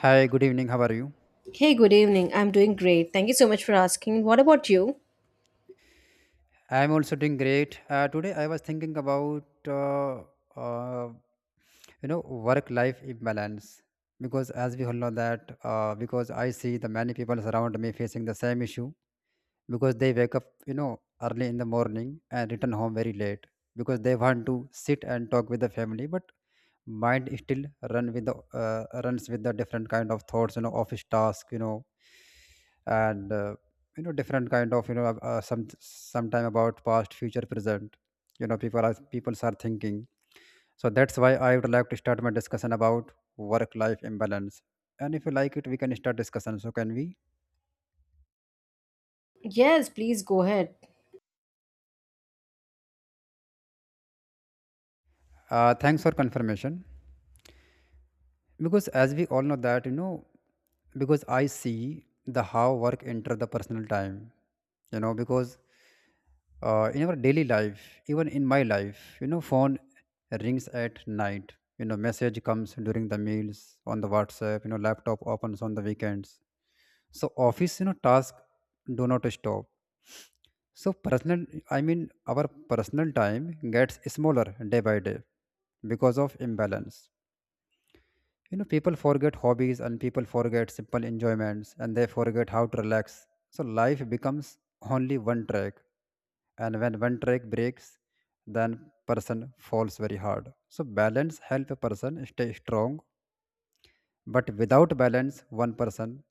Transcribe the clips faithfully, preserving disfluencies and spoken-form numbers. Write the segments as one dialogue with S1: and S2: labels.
S1: Hi, good evening. How are you?
S2: Hey, good evening. I'm doing great. Thank you so much for asking. What about you?
S1: I'm also doing great. Uh, today I was thinking about uh, uh, you know work-life imbalance, because as we all know that uh, because I see the many people around me facing the same issue, because they wake up you know early in the morning and return home very late, because they want to sit and talk with the family, but mind still run with the uh, runs with the different kind of thoughts, you know office task. You know and uh, you know different kind of you know uh, uh, some sometime about past, future, present. you know people are people are thinking. So that's why I would like to start my discussion about work life imbalance, and if you like it, we can start discussion. So can we?
S2: Yes, please go ahead.
S1: Uh, thanks for confirmation. Because as we all know that, you know because I see the how work enter the personal time. you know because uh, in our daily life, even in my life, you know phone rings at night, you know message comes during the meals on the WhatsApp, you know laptop opens on the weekends. So office you know task do not stop. So personal, I mean, our personal time gets smaller day by day because of imbalance. you know, people forget hobbies, and people forget simple enjoyments, and they forget how to relax. So life becomes only one track. And when one track breaks, then person falls very hard. So balance help a person stay strong. But without balance, one person,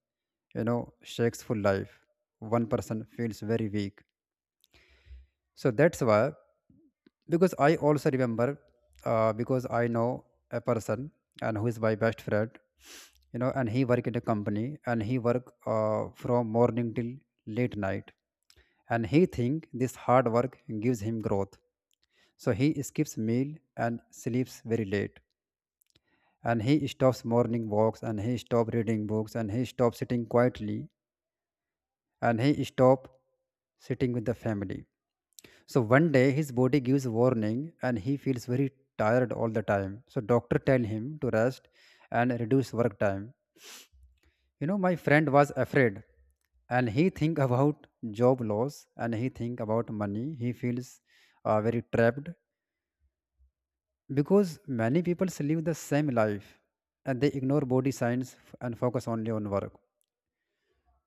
S1: you know, shakes full life. One person feels very weak. So that's why, because I also remember, uh, because I know a person, and who is my best friend, you know and he work in a company, and he work uh, from morning till late night, and he think this hard work gives him growth. So he skips meal and sleeps very late, and he stops morning walks, and he stop reading books, and he stop sitting quietly, and he stop sitting with the family. So one day his body gives warning, and he feels very tired all the time. So doctor tell him to rest and reduce work time. You know my friend was afraid, and he think about job loss, and he think about money. He feels uh, very trapped, because many people live the same life and they ignore body signs f- and focus only on work.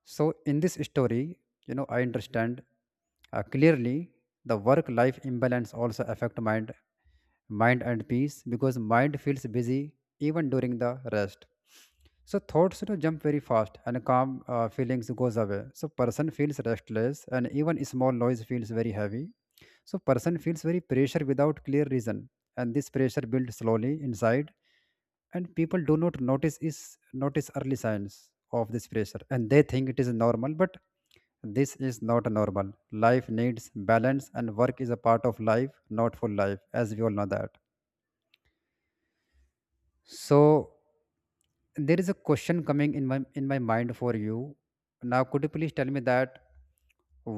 S1: So, in this story, you know, I understand uh, clearly the work-life imbalance also affect mind, mind and peace, because mind feels busy even during the rest. So thoughts, you know, jump very fast, and calm uh, feelings goes away. So person feels restless, and even small noise feels very heavy. So person feels very pressure without clear reason, and this pressure builds slowly inside, and people do not notice is notice early signs of this pressure, and they think it is normal, but this is not normal. Life needs balance, and work is a part of life, not for life, as we all know that. So there is a question coming in my in my mind for you. Now could you please tell me that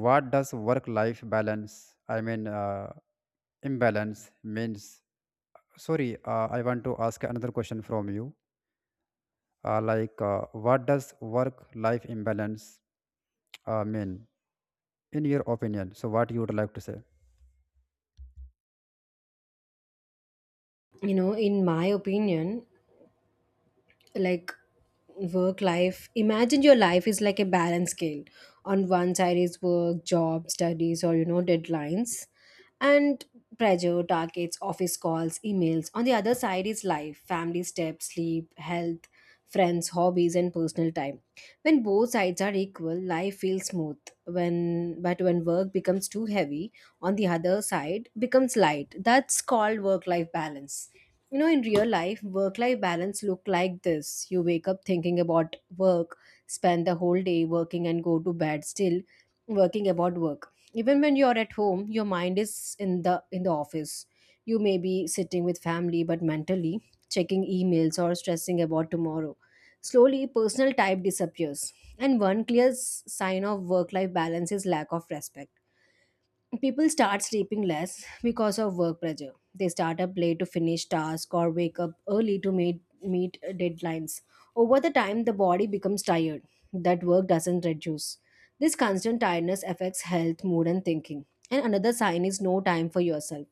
S1: what does work life balance, I mean, uh, imbalance means? Sorry, uh, I want to ask another question from you. Uh, like, uh, what does work-life imbalance uh, mean, in your opinion? So, what you would like to say?
S2: You know, in my opinion, like work life imagine your life is like a balance scale. On one side is work, job, studies, or you know, deadlines and pressure, targets, office calls, emails. On the other side is life, family, steps, sleep, health, friends, hobbies, and personal time. When both sides are equal, life feels smooth. When but when work becomes too heavy on the other side, becomes light. That's called work life balance. You know, in real life, work life balance look like this. You wake up thinking about work, spend the whole day working, and go to bed still working about work. Even when you're at home, your mind is in the in the office. You may be sitting with family but mentally checking emails or stressing about tomorrow. Slowly personal type disappears, and one clear s- sign of work life balance is lack of respect. People start sleeping less because of work pressure. They start up late to finish tasks or wake up early to meet, meet deadlines. Over the time, the body becomes tired. That work doesn't reduce. This constant tiredness affects health, mood, and thinking. And another sign is no time for yourself.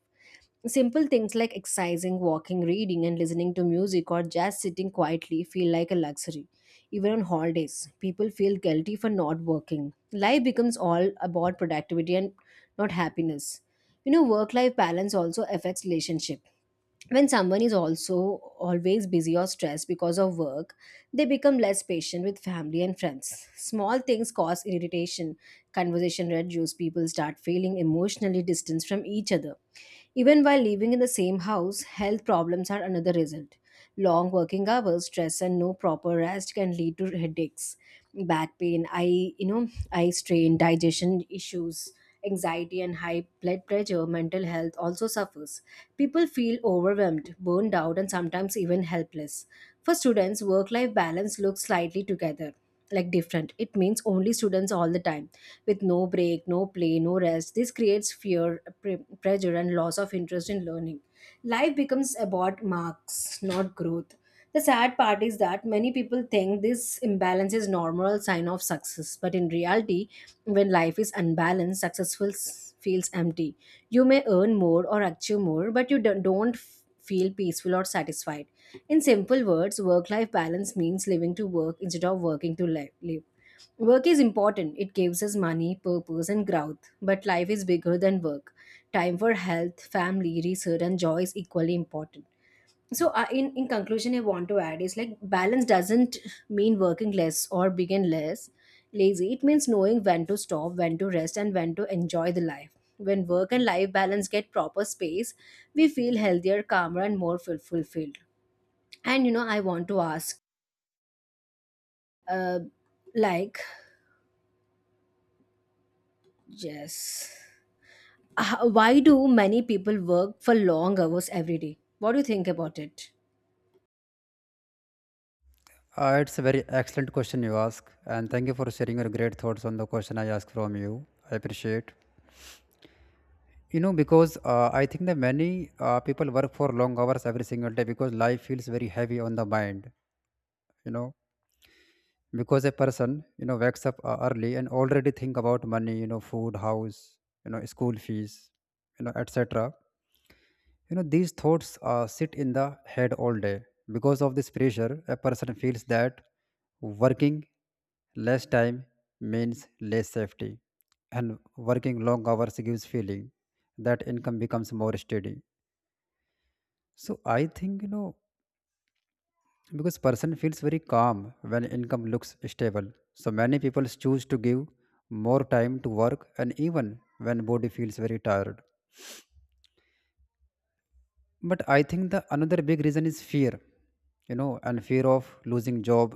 S2: Simple things like exercising, walking, reading, and listening to music or just sitting quietly feel like a luxury. Even on holidays, people feel guilty for not working. Life becomes all about productivity and not happiness. You know, work life balance also affects relationship. When someone is also always busy or stressed because of work, they become less patient with family and friends. Small things cause irritation, conversation reduce, people start feeling emotionally distanced from each other even while living in the same house. Health problems are another result. Long working hours, stress, and no proper rest can lead to headaches, back pain, eye, you know, eye strain, digestion issues, anxiety, and high blood pressure. Mental health also suffers. People feel overwhelmed, burned out, and sometimes even helpless. For students, work-life balance looks slightly together, like different. It means only students all the time with no break, no play, no rest. This creates fear, pre- pressure, and loss of interest in learning. Life becomes about marks, not growth. The sad part is that many people think this imbalance is normal sign of success, but in reality, when life is unbalanced, successful s- feels empty. You may earn more or achieve more, but you don't don't f- feel peaceful or satisfied. In simple words, work life balance means living to work instead of working to li- live. Work is important. It gives us money, purpose, and growth. But life is bigger than work. Time for health, family, research, and joy is equally important. So, uh, in, in conclusion, I want to add is like balance doesn't mean working less or being less lazy. It means knowing when to stop, when to rest, and when to enjoy the life. When work and life balance get proper space, we feel healthier, calmer, and more ful- fulfilled. And you know, I want to ask, uh, like, yes. H- why do many people work for long hours every day? What do you think about it?
S1: Uh, it's a very excellent question you ask, and thank you for sharing your great thoughts on the question I asked from you. I appreciate. You know, because uh, I think that many uh, people work for long hours every single day, because life feels very heavy on the mind. You know, because a person you know wakes up uh, early and already think about money, you know food, house, you know school fees, you know etc. you know these thoughts uh, sit in the head all day. Because of this pressure, a person feels that working less time means less safety, and working long hours gives feeling that income becomes more steady. So I think, you know because person feels very calm when income looks stable, so many people choose to give more time to work, and even when body feels very tired. But I think the another big reason is fear, you know and fear of losing job,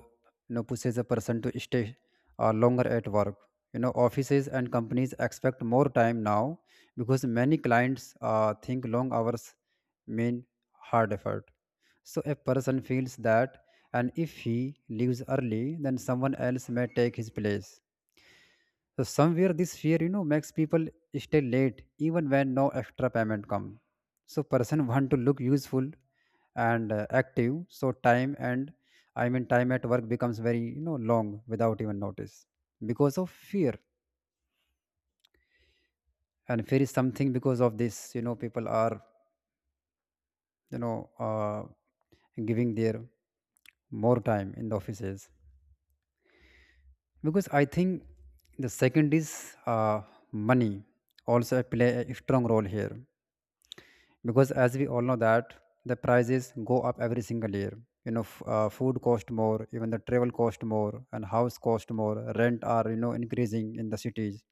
S1: you know pushes a person to stay uh, longer at work. you know offices and companies expect more time now, because many clients uh, think long hours mean hard effort. So a person feels that, and if he leaves early, then someone else may take his place. So somewhere this fear, you know, makes people stay late even when no extra payment come. So person want to look useful and uh, active. So time, and I mean, time at work becomes very, you know long without even notice because of fear. And fear is something, because of this, you know, people are you know uh, giving their more time in the offices, because I think the second is uh, money also play a strong role here, because as we all know that the prices go up every single year. you know f- uh, food cost more, even the travel cost more, and house cost more, rent are you know increasing in the cities.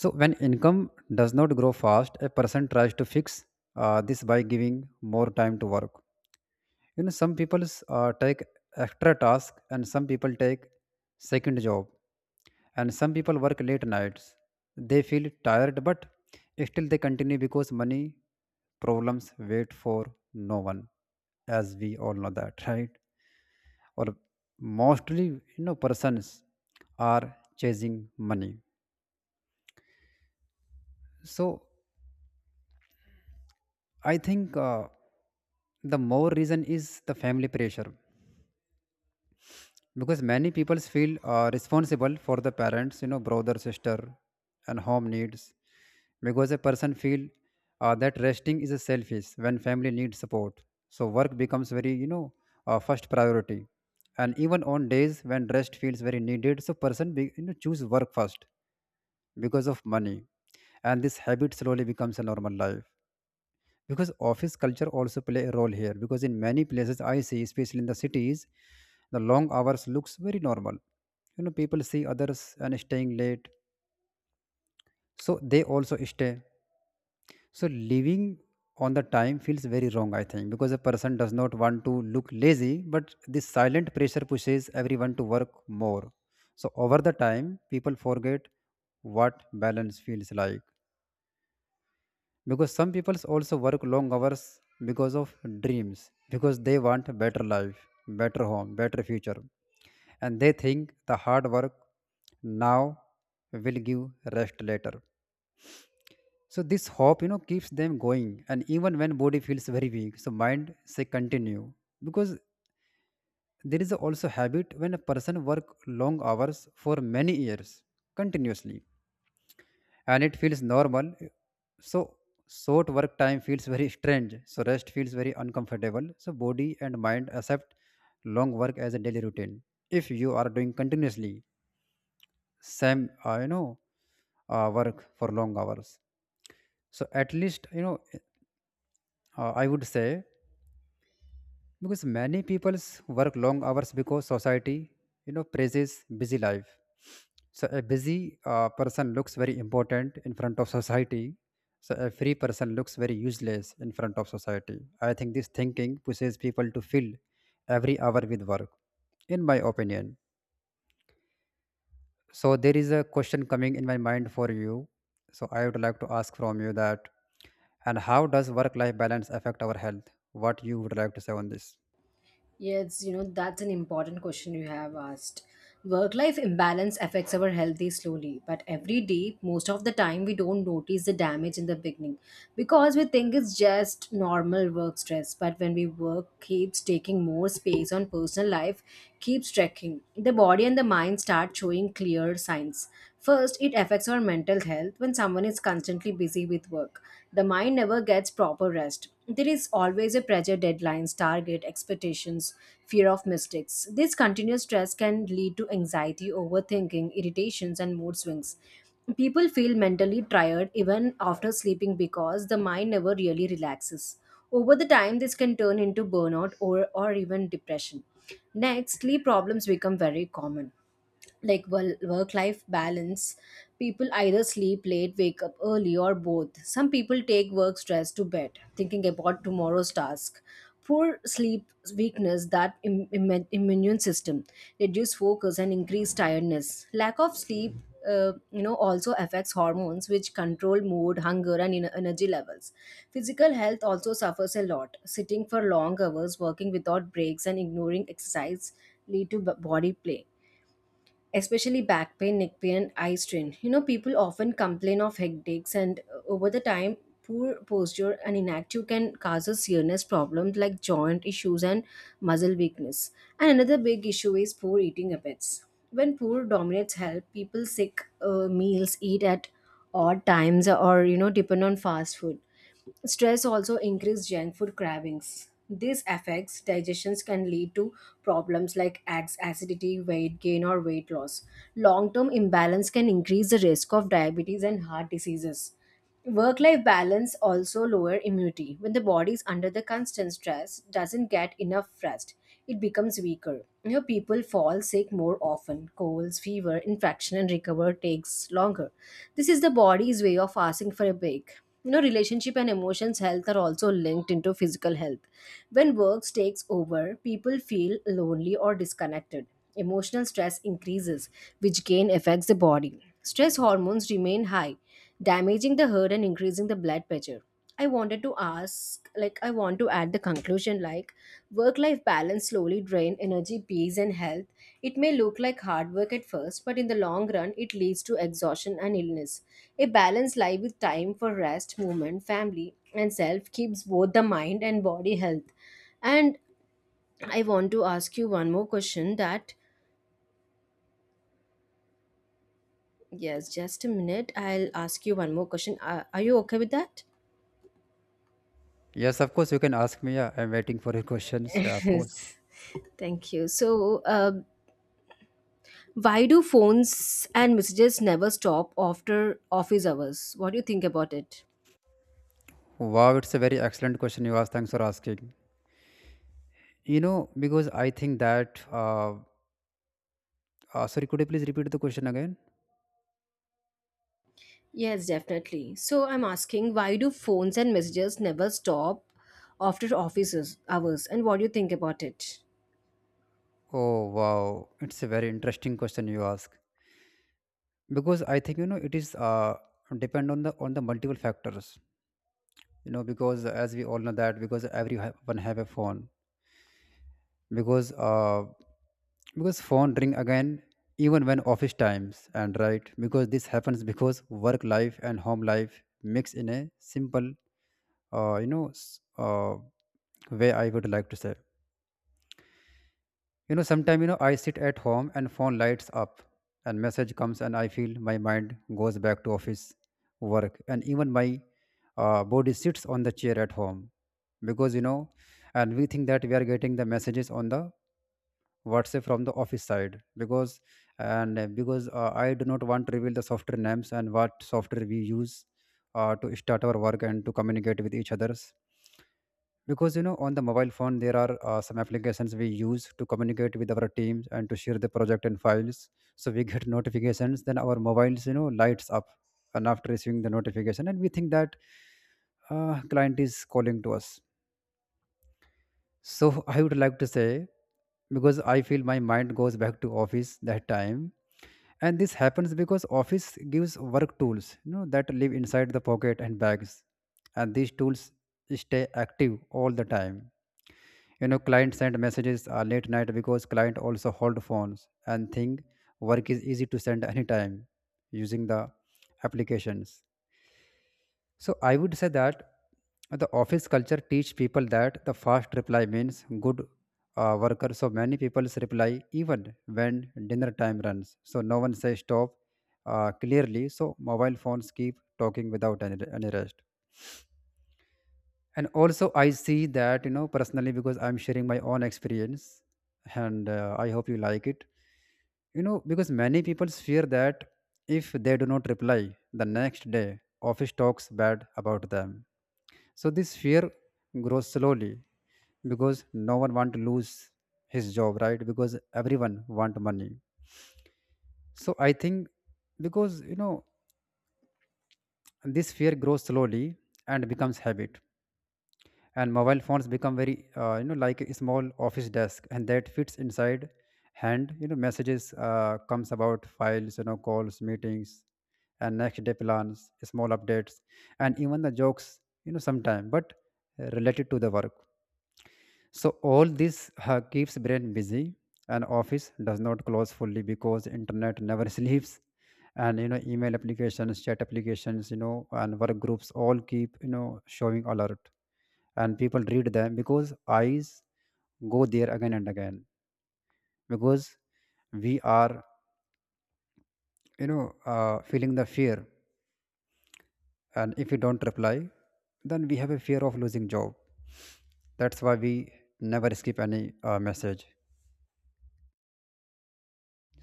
S1: So when income does not grow fast, a person tries to fix uh, this by giving more time to work. you know some people uh, take extra task, and some people take second job, and some people work late nights. They feel tired, but still they continue, because money problems wait for no one, as we all know that. Right? Or mostly, you know persons are chasing money. So I think, uh, the more reason is the family pressure, because many people feel uh, responsible for the parents, you know brother, sister, and home needs. Because a person feel uh, that resting is a selfish when family needs support, so work becomes very, you know uh, first priority. And even on days when rest feels very needed, so person be, you know choose work first because of money, and this habit slowly becomes a normal life. Because office culture also play a role here, because in many places I see, especially in the cities, the long hours looks very normal. you know people see others and staying late, so they also stay. So living on the time feels very wrong, I think, because a person does not want to look lazy, but this silent pressure pushes everyone to work more. So over the time, people forget what balance feels like, because some people also work long hours because of dreams, because they want a better life, better home, better future, and they think the hard work now will give rest later. So this hope, you know keeps them going, and even when body feels very weak, so mind say continue. Because there is also habit when a person work long hours for many years continuously, and it feels normal. So short work time feels very strange. So rest feels very uncomfortable. So body and mind accept long work as a daily routine. If you are doing continuously same, uh, you know, uh, work for long hours. So at least, you know, uh, I would say, because many peoples work long hours because society you know praises busy life. So a busy uh, person looks very important in front of society. So a free person looks very useless in front of society. I think this thinking pushes people to fill every hour with work, in my opinion. So there is a question coming in my mind for you. So I would like to ask from you that, and how does work life balance affect our health? What you would like to say on this?
S2: Yes, you know, that's an important question you have asked. Work life imbalance affects our healthy slowly, but every day, most of the time, we don't notice the damage in the beginning because we think it's just normal work stress. But when we work keeps taking more space on personal life, keeps trekking the body and the mind start showing clear signs. First, it affects our mental health when someone is constantly busy with work. The mind never gets proper rest. There is always a pressure, deadlines, target, expectations, fear of mistakes. This continuous stress can lead to anxiety, overthinking, irritations, and mood swings. People feel mentally tired even after sleeping because the mind never really relaxes. Over the time, this can turn into burnout or, or even depression. Next, sleep problems become very common, like work life balance. People either sleep late, wake up early, or both. Some people take work stress to bed thinking about tomorrow's task. Poor sleep weakness that Im- im- immune system, reduce focus and increase tiredness. Lack of sleep, uh, you know, also affects hormones, which control mood, hunger, and en- energy levels. Physical health also suffers a lot. Sitting for long hours, working without breaks, and ignoring exercise lead to b- body play, especially back pain, neck pain, and eye strain. You know, people often complain of headaches, and uh, over the time, poor posture and inactive can cause a serious problems like joint issues and muscle weakness. And another big issue is poor eating habits. When poor dominates health, people sick uh, meals, eat at odd times, or you know, depend on fast food. Stress also increases junk food cravings. These affects digestions can lead to problems like ads- acidity, weight gain, or weight loss. Long term imbalance can increase the risk of diabetes and heart diseases. Work life balance also lower immunity. When the body is under the constant stress, doesn't get enough rest, it becomes weaker. You know, people fall sick more often. Colds, fever, infection, and recover takes longer. This is the body's way of asking for a break. You know, relationship and emotions health are also linked into physical health. When work takes over, people feel lonely or disconnected. Emotional stress increases, which again affects the body. Stress hormones remain high, damaging the heart and increasing the blood pressure. I wanted to ask, like, I want to add the conclusion, like, work life balance slowly drain energy, peace, and health. It may look like hard work at first, but in the long run, it leads to exhaustion and illness. A balanced life with time for rest, movement, family, and self keeps both the mind and body health. And I want to ask you one more question that, yes, just a minute, I'll ask you one more question. Are, are you okay with that?
S1: Yes, of course, you can ask me. Yeah, I'm waiting for your questions. Yeah, of course.
S2: Yes. Thank you. So, uh, why do phones and messages never stop after office hours? What do you think about it?
S1: Wow, it's a very excellent question you asked. Thanks for asking. You know, because I think that. Uh, uh, sorry, could you please repeat the question again?
S2: Yes, definitely. So I'm asking, why do phones and messages never stop after office hours? And what do you think about it?
S1: Oh, wow, it's a very interesting question you ask. Because I think you know it is uh, depend on the on the multiple factors. You know, because as we all know that because everyone have a phone because uh, because phone ring again even when office times and right, because this happens because work life and home life mix in a simple uh, you know s- uh, way I would like to say. You know sometimes, you know, I sit at home and phone lights up and message comes and I feel my mind goes back to office work and even my uh, body sits on the chair at home because, you know, and we think that we are getting the messages on the, what say, from the office side because and uh, because uh, I do not want to reveal the software names and what software we use uh, to start our work and to communicate with each others because, you know, on the mobile phone there are uh, some applications we use to communicate with our teams and to share the project and files. So we get notifications, then our mobiles, you know, lights up. And after receiving the notification, and we think that uh, client is calling to us. So I would like to say, because I feel my mind goes back to office that time. And this happens because office gives work tools, you know, that live inside the pocket and bags. And these tools stay active all the time. You know, clients send messages uh, late night because client also hold phones and think work is easy to send anytime using the applications. So I would say that the office culture teach people that the fast reply means good uh, worker. So many people reply even when dinner time runs. So no one says stop uh, clearly. So mobile phones keep talking without any, any rest. And also I see that, you know, personally, because I'm sharing my own experience, and uh, I hope you like it. You know, because many people fear that if they do not reply the next day, office talks bad about them. So this fear grows slowly because no one want to lose his job, right? Because everyone want money. So I think, because you know, this fear grows slowly and becomes habit, and mobile phones become very uh, you know, like a small office desk, and that fits inside hand. You know, messages uh, comes about files, you know, calls, meetings, and next day plans, small updates, and even the jokes. You know sometime, but uh, related to the work. So all this uh, keeps brain busy, and office does not close fully because internet never sleeps. And you know, email applications, chat applications, you know, and work groups all keep, you know, showing alert, and people read them because eyes go there again and again. Because we are, you know, uh, feeling the fear, and if we don't reply, then we have a fear of losing job. That's why we never skip any uh, message.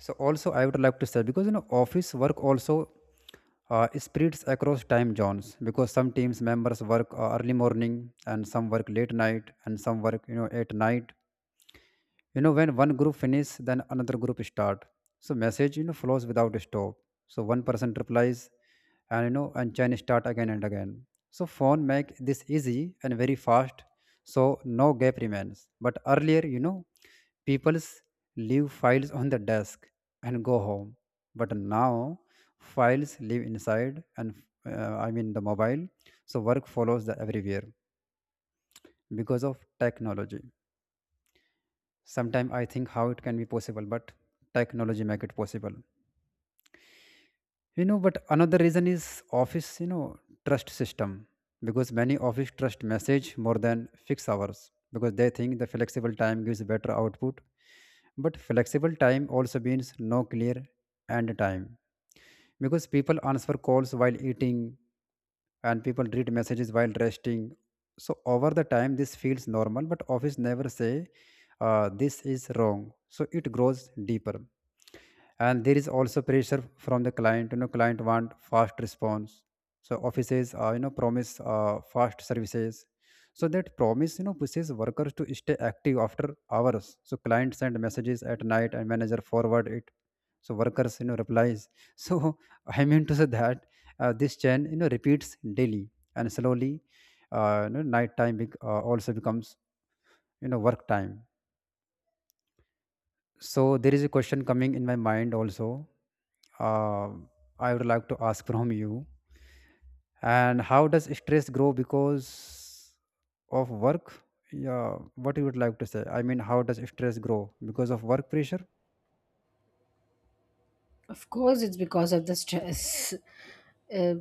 S1: So also I would like to say, because, you know, office work also uh, spreads across time zones because some teams members work uh, early morning, and some work late night, and some work, you know, at night. You know, when one group finish, then another group start. So message, you know, flows without stop. So one person replies, and, you know, and chain start again and again. So phone make this easy and very fast. So no gap remains. But earlier, you know, people's leave files on the desk and go home. But now files live inside and uh, I mean the mobile. So work follows the everywhere because of technology. Sometimes I think how it can be possible, but technology make it possible. You know, but another reason is office, you know, trust system because many office trust message more than fixed hours because they think the flexible time gives better output. But flexible time also means no clear end time because people answer calls while eating and people read messages while resting. So over the time this feels normal, but office never say uh, this is wrong, so it grows deeper. And there is also pressure from the client. You know, client want fast response. So offices, uh, you know, promise uh, fast services. So that promise, you know, pushes workers to stay active after hours. So client send messages at night and manager forward it. So workers, you know, replies. So I mean to say that uh, this chain, you know, repeats daily and slowly, uh, you know, night time bec- uh, also becomes, you know, work time. So there is a question coming in my mind also. Uh, I would like to ask from you. And how does stress grow because of work? Yeah, what you would like to say? I mean, how does stress grow because of work pressure?
S2: Of course, it's because of the stress. Uh,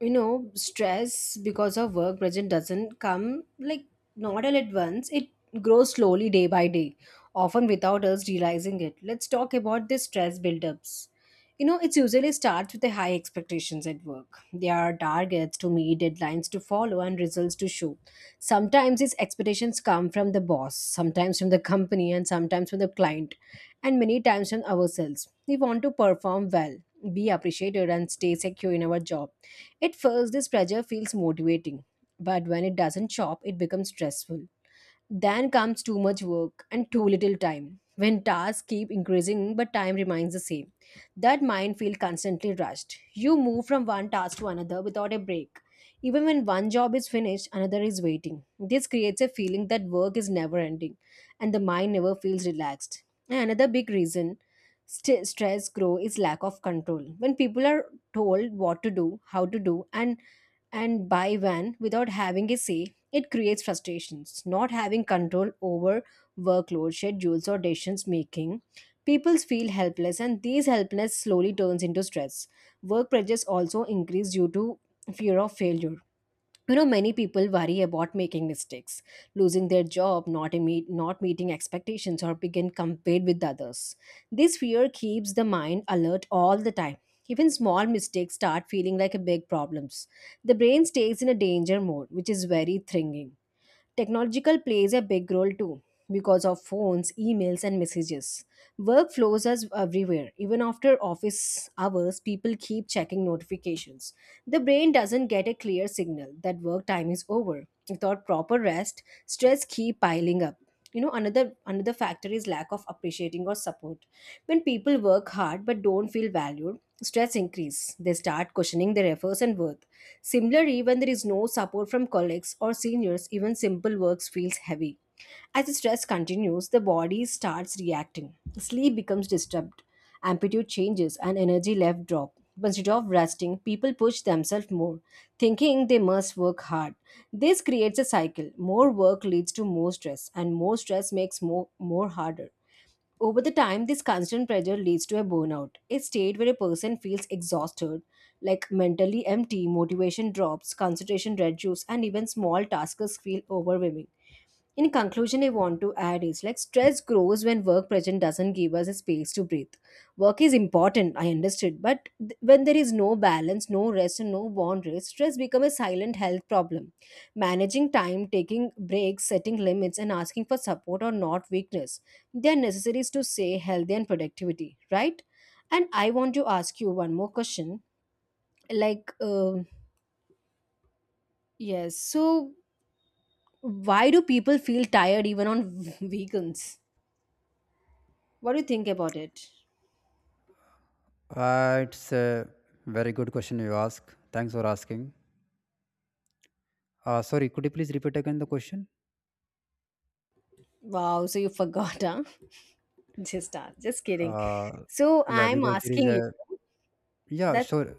S2: you know, stress because of work pressure doesn't come like not all at once. It grows slowly day by day, often without us realizing it. Let's talk about the stress buildups. You know, it usually starts with the high expectations at work. There are targets to meet, deadlines to follow, and results to show. Sometimes these expectations come from the boss, sometimes from the company, and sometimes from the client, and many times from ourselves. We want to perform well, be appreciated, and stay secure in our job. At first, this pressure feels motivating, but when it doesn't show up, it becomes stressful. Then comes too much work and too little time. When tasks keep increasing but time remains the same, that mind feels constantly rushed. You move from one task to another without a break. Even when one job is finished, another is waiting. This creates a feeling that work is never ending and the mind never feels relaxed. And another big reason st- stress grow is lack of control. When people are told what to do, how to do, and and buy one without having a say, it creates frustrations. Not having control over workload, schedules, or decisions making, people feel helpless, and these helplessness slowly turns into stress. Work pressures also increase due to fear of failure. You know, many people worry about making mistakes, losing their job, not imme- not meeting expectations, or begin compared with others. This fear keeps the mind alert all the time. Even small mistakes start feeling like a big problems. The brain stays in a danger mode, which is very thrilling. Technological plays a big role too because of phones, emails, and messages. Work flows us everywhere. Even after office hours, people keep checking notifications. The brain doesn't get a clear signal that work time is over. Without proper rest, stress keep piling up. You know, another another factor is lack of appreciating or support. When people work hard but don't feel valued, stress increase. They start questioning their efforts and worth. Similarly, when there is no support from colleagues or seniors, even simple works feels heavy. As the stress continues, the body starts reacting. Sleep becomes disturbed, amplitude changes, and energy left drop. Instead of resting, people push themselves more, thinking they must work hard. This creates a cycle. More work leads to more stress, and more stress makes more, more harder. Over the time, this constant pressure leads to a burnout, a state where a person feels exhausted, like mentally empty, motivation drops, concentration reduces, and even small tasks feel overwhelming. In conclusion, I want to add is like stress grows when work pressure doesn't give us a space to breathe. Work is important, I understood, but th- when there is no balance, no rest, and no boundaries, stress becomes a silent health problem. Managing time, taking breaks, setting limits, and asking for support are not weakness. They are necessaries to stay healthy and productivity, right? And I want to ask you one more question. Like, um yes, so why do people feel tired even on weekends? What do you think about it?
S1: Uh, it's a very good question you ask. Thanks for asking. Uh, sorry, could you please repeat again the question?
S2: Wow, so you forgot, huh? Just uh, just kidding.
S1: Uh,
S2: So
S1: yeah,
S2: I'm
S1: because there is
S2: asking you.
S1: a, yeah,
S2: That's
S1: sure.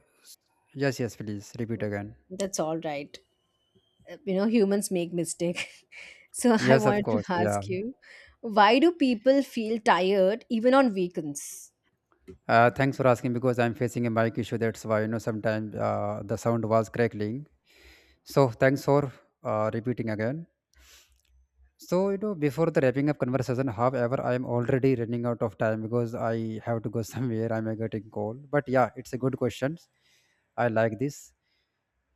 S1: Yes, yes, please repeat again.
S2: that's all right. You know, humans make mistake. So I
S1: Yes, of
S2: wanted to
S1: course. Yeah.
S2: ask you, why do people feel tired even on weekends?
S1: Uh, thanks for asking because I'm facing a mic issue. That's why, you know, sometimes uh, the sound was crackling. So thanks for uh, repeating again. So, you know, before the wrapping up conversation, however, I am already running out of time because I have to go somewhere. I'm uh, getting call. But yeah, it's a good question. I like this.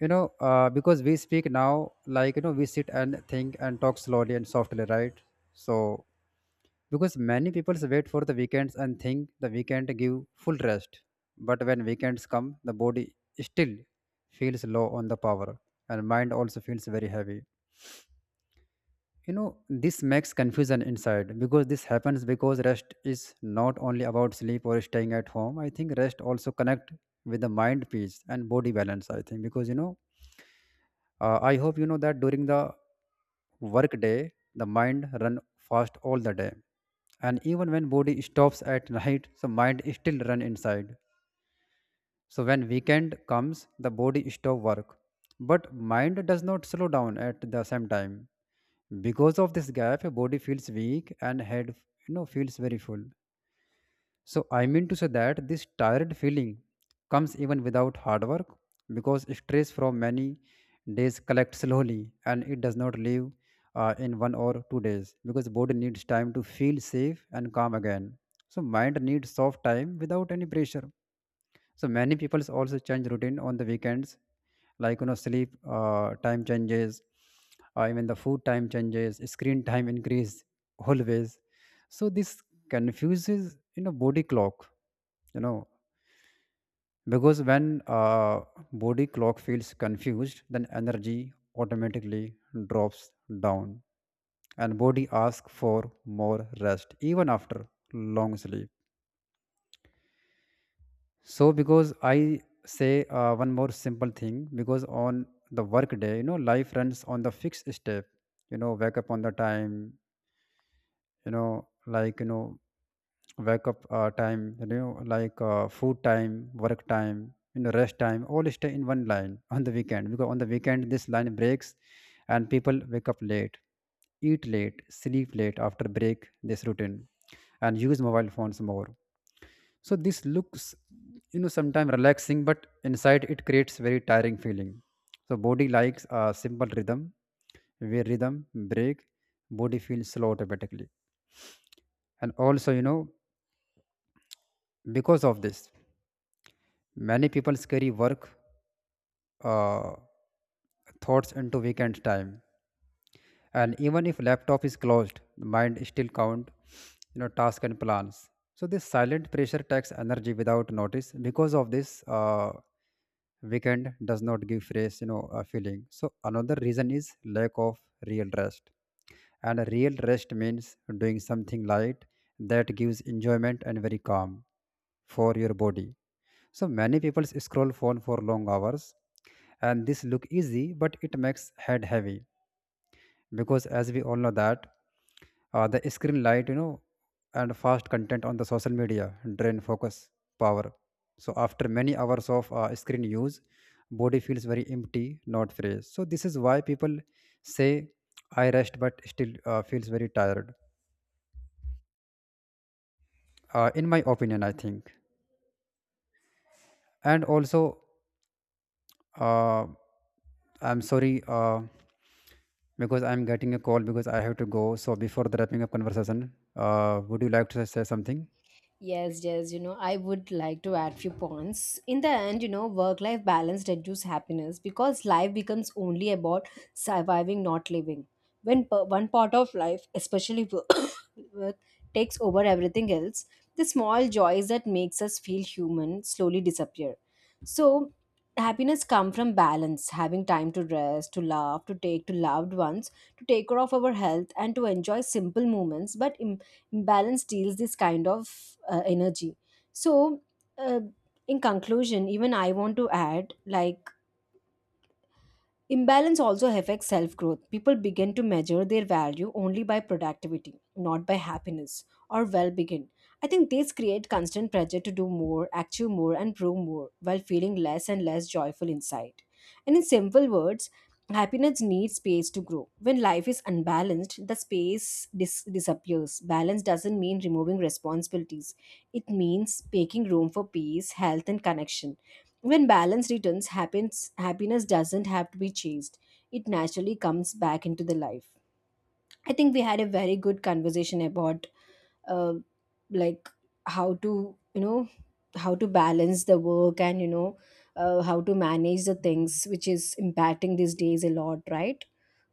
S1: You know, uh, because we speak now, like, you know, we sit and think and talk slowly and softly, right? So because many people wait for the weekends and think the weekend give full rest. But when weekends come, the body still feels low on the power, and mind also feels very heavy, you know. This makes confusion inside because this happens because rest is not only about sleep or staying at home. I think rest also connect with the mind peace and body balance. I think because, you know, uh, I hope you know that during the work day the mind run fast all the day. And even when body stops at night, so mind still run inside. So when weekend comes, the body stop work, but mind does not slow down at the same time. Because of this gap, body feels weak and head, you know, feels very full. So I mean to say that this tired feeling comes even without hard work because stress from many days collects slowly, and it does not leave uh, in one or two days because body needs time to feel safe and calm again. So mind needs soft time without any pressure. So many people also change routine on the weekends, like, you know, sleep uh, time changes, uh, even the food time changes, screen time increase always. So this confuses, you know, body clock, you know. Because when uh, body clock feels confused, then energy automatically drops down, and body asks for more rest even after long sleep. So because I say uh, one more simple thing, because on the work day, you know, life runs on the fixed step. You know, wake up on the time. You know, like you know, wake up uh, time. You know, like uh, food time, work time, you know, rest time, all stay in one line. On the weekend, because on the weekend this line breaks, and people wake up late, eat late, sleep late after break this routine, and use mobile phones more. So this looks, you know, sometimes relaxing, but inside it creates very tiring feeling. So body likes a simple rhythm. Where rhythm break, body feels slow automatically. And also, you know, because of this, many people carry work uh, thoughts into weekend time. And even if laptop is closed, the mind still count, you know, tasks and plans. So this silent pressure takes energy without notice. Because of this, uh, weekend does not give fresh, you know, a feeling. So another reason is lack of real rest. And a real rest means doing something light that gives enjoyment and very calm for your body. So many people scroll phone for long hours, and this look easy, but it makes head heavy. Because as we all know that uh, the screen light, you know, and fast content on the social media drain focus power. So after many hours of uh, screen use, body feels very empty, not fresh. So this is why people say I rest but still uh, feels very tired, uh, in my opinion I think. And also, uh, I'm sorry uh, because I'm getting a call, because I have to go. So before the wrapping up conversation, uh, would you like to say something?
S2: Yes, yes, you know, I would like to add few points. In the end, you know, work-life balance reduces happiness because life becomes only about surviving, not living. When per- one part of life, especially wo- work, takes over everything else, the small joys that makes us feel human slowly disappear. So, happiness come from balance, having time to rest, to laugh, to take to loved ones, to take care of our health, and to enjoy simple moments, but balance deals this kind of uh, energy. So, uh, in conclusion, even I want to add, like, imbalance also affects self growth. People begin to measure their value only by productivity, not by happiness or well being. I think this creates constant pressure to do more, achieve more, and prove more while feeling less and less joyful inside. And in simple words, happiness needs space to grow. When life is unbalanced, the space dis- disappears. Balance doesn't mean removing responsibilities, it means making room for peace, health, and connection. When balance returns, happens, happiness doesn't have to be chased. It naturally comes back into the life. I think we had a very good conversation about uh, like how to you know how to balance the work and you know uh, how to manage the things which is impacting these days a lot, right?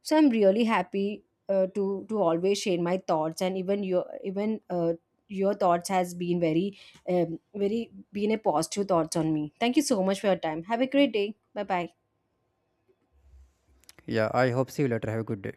S2: So I'm really happy, uh, to to always share my thoughts, and even your, even uh, your thoughts has been very um, very been a positive thoughts on me. Thank you so much for your time. Have a great day. Bye bye.
S1: Yeah, I hope see you later. Have a good day.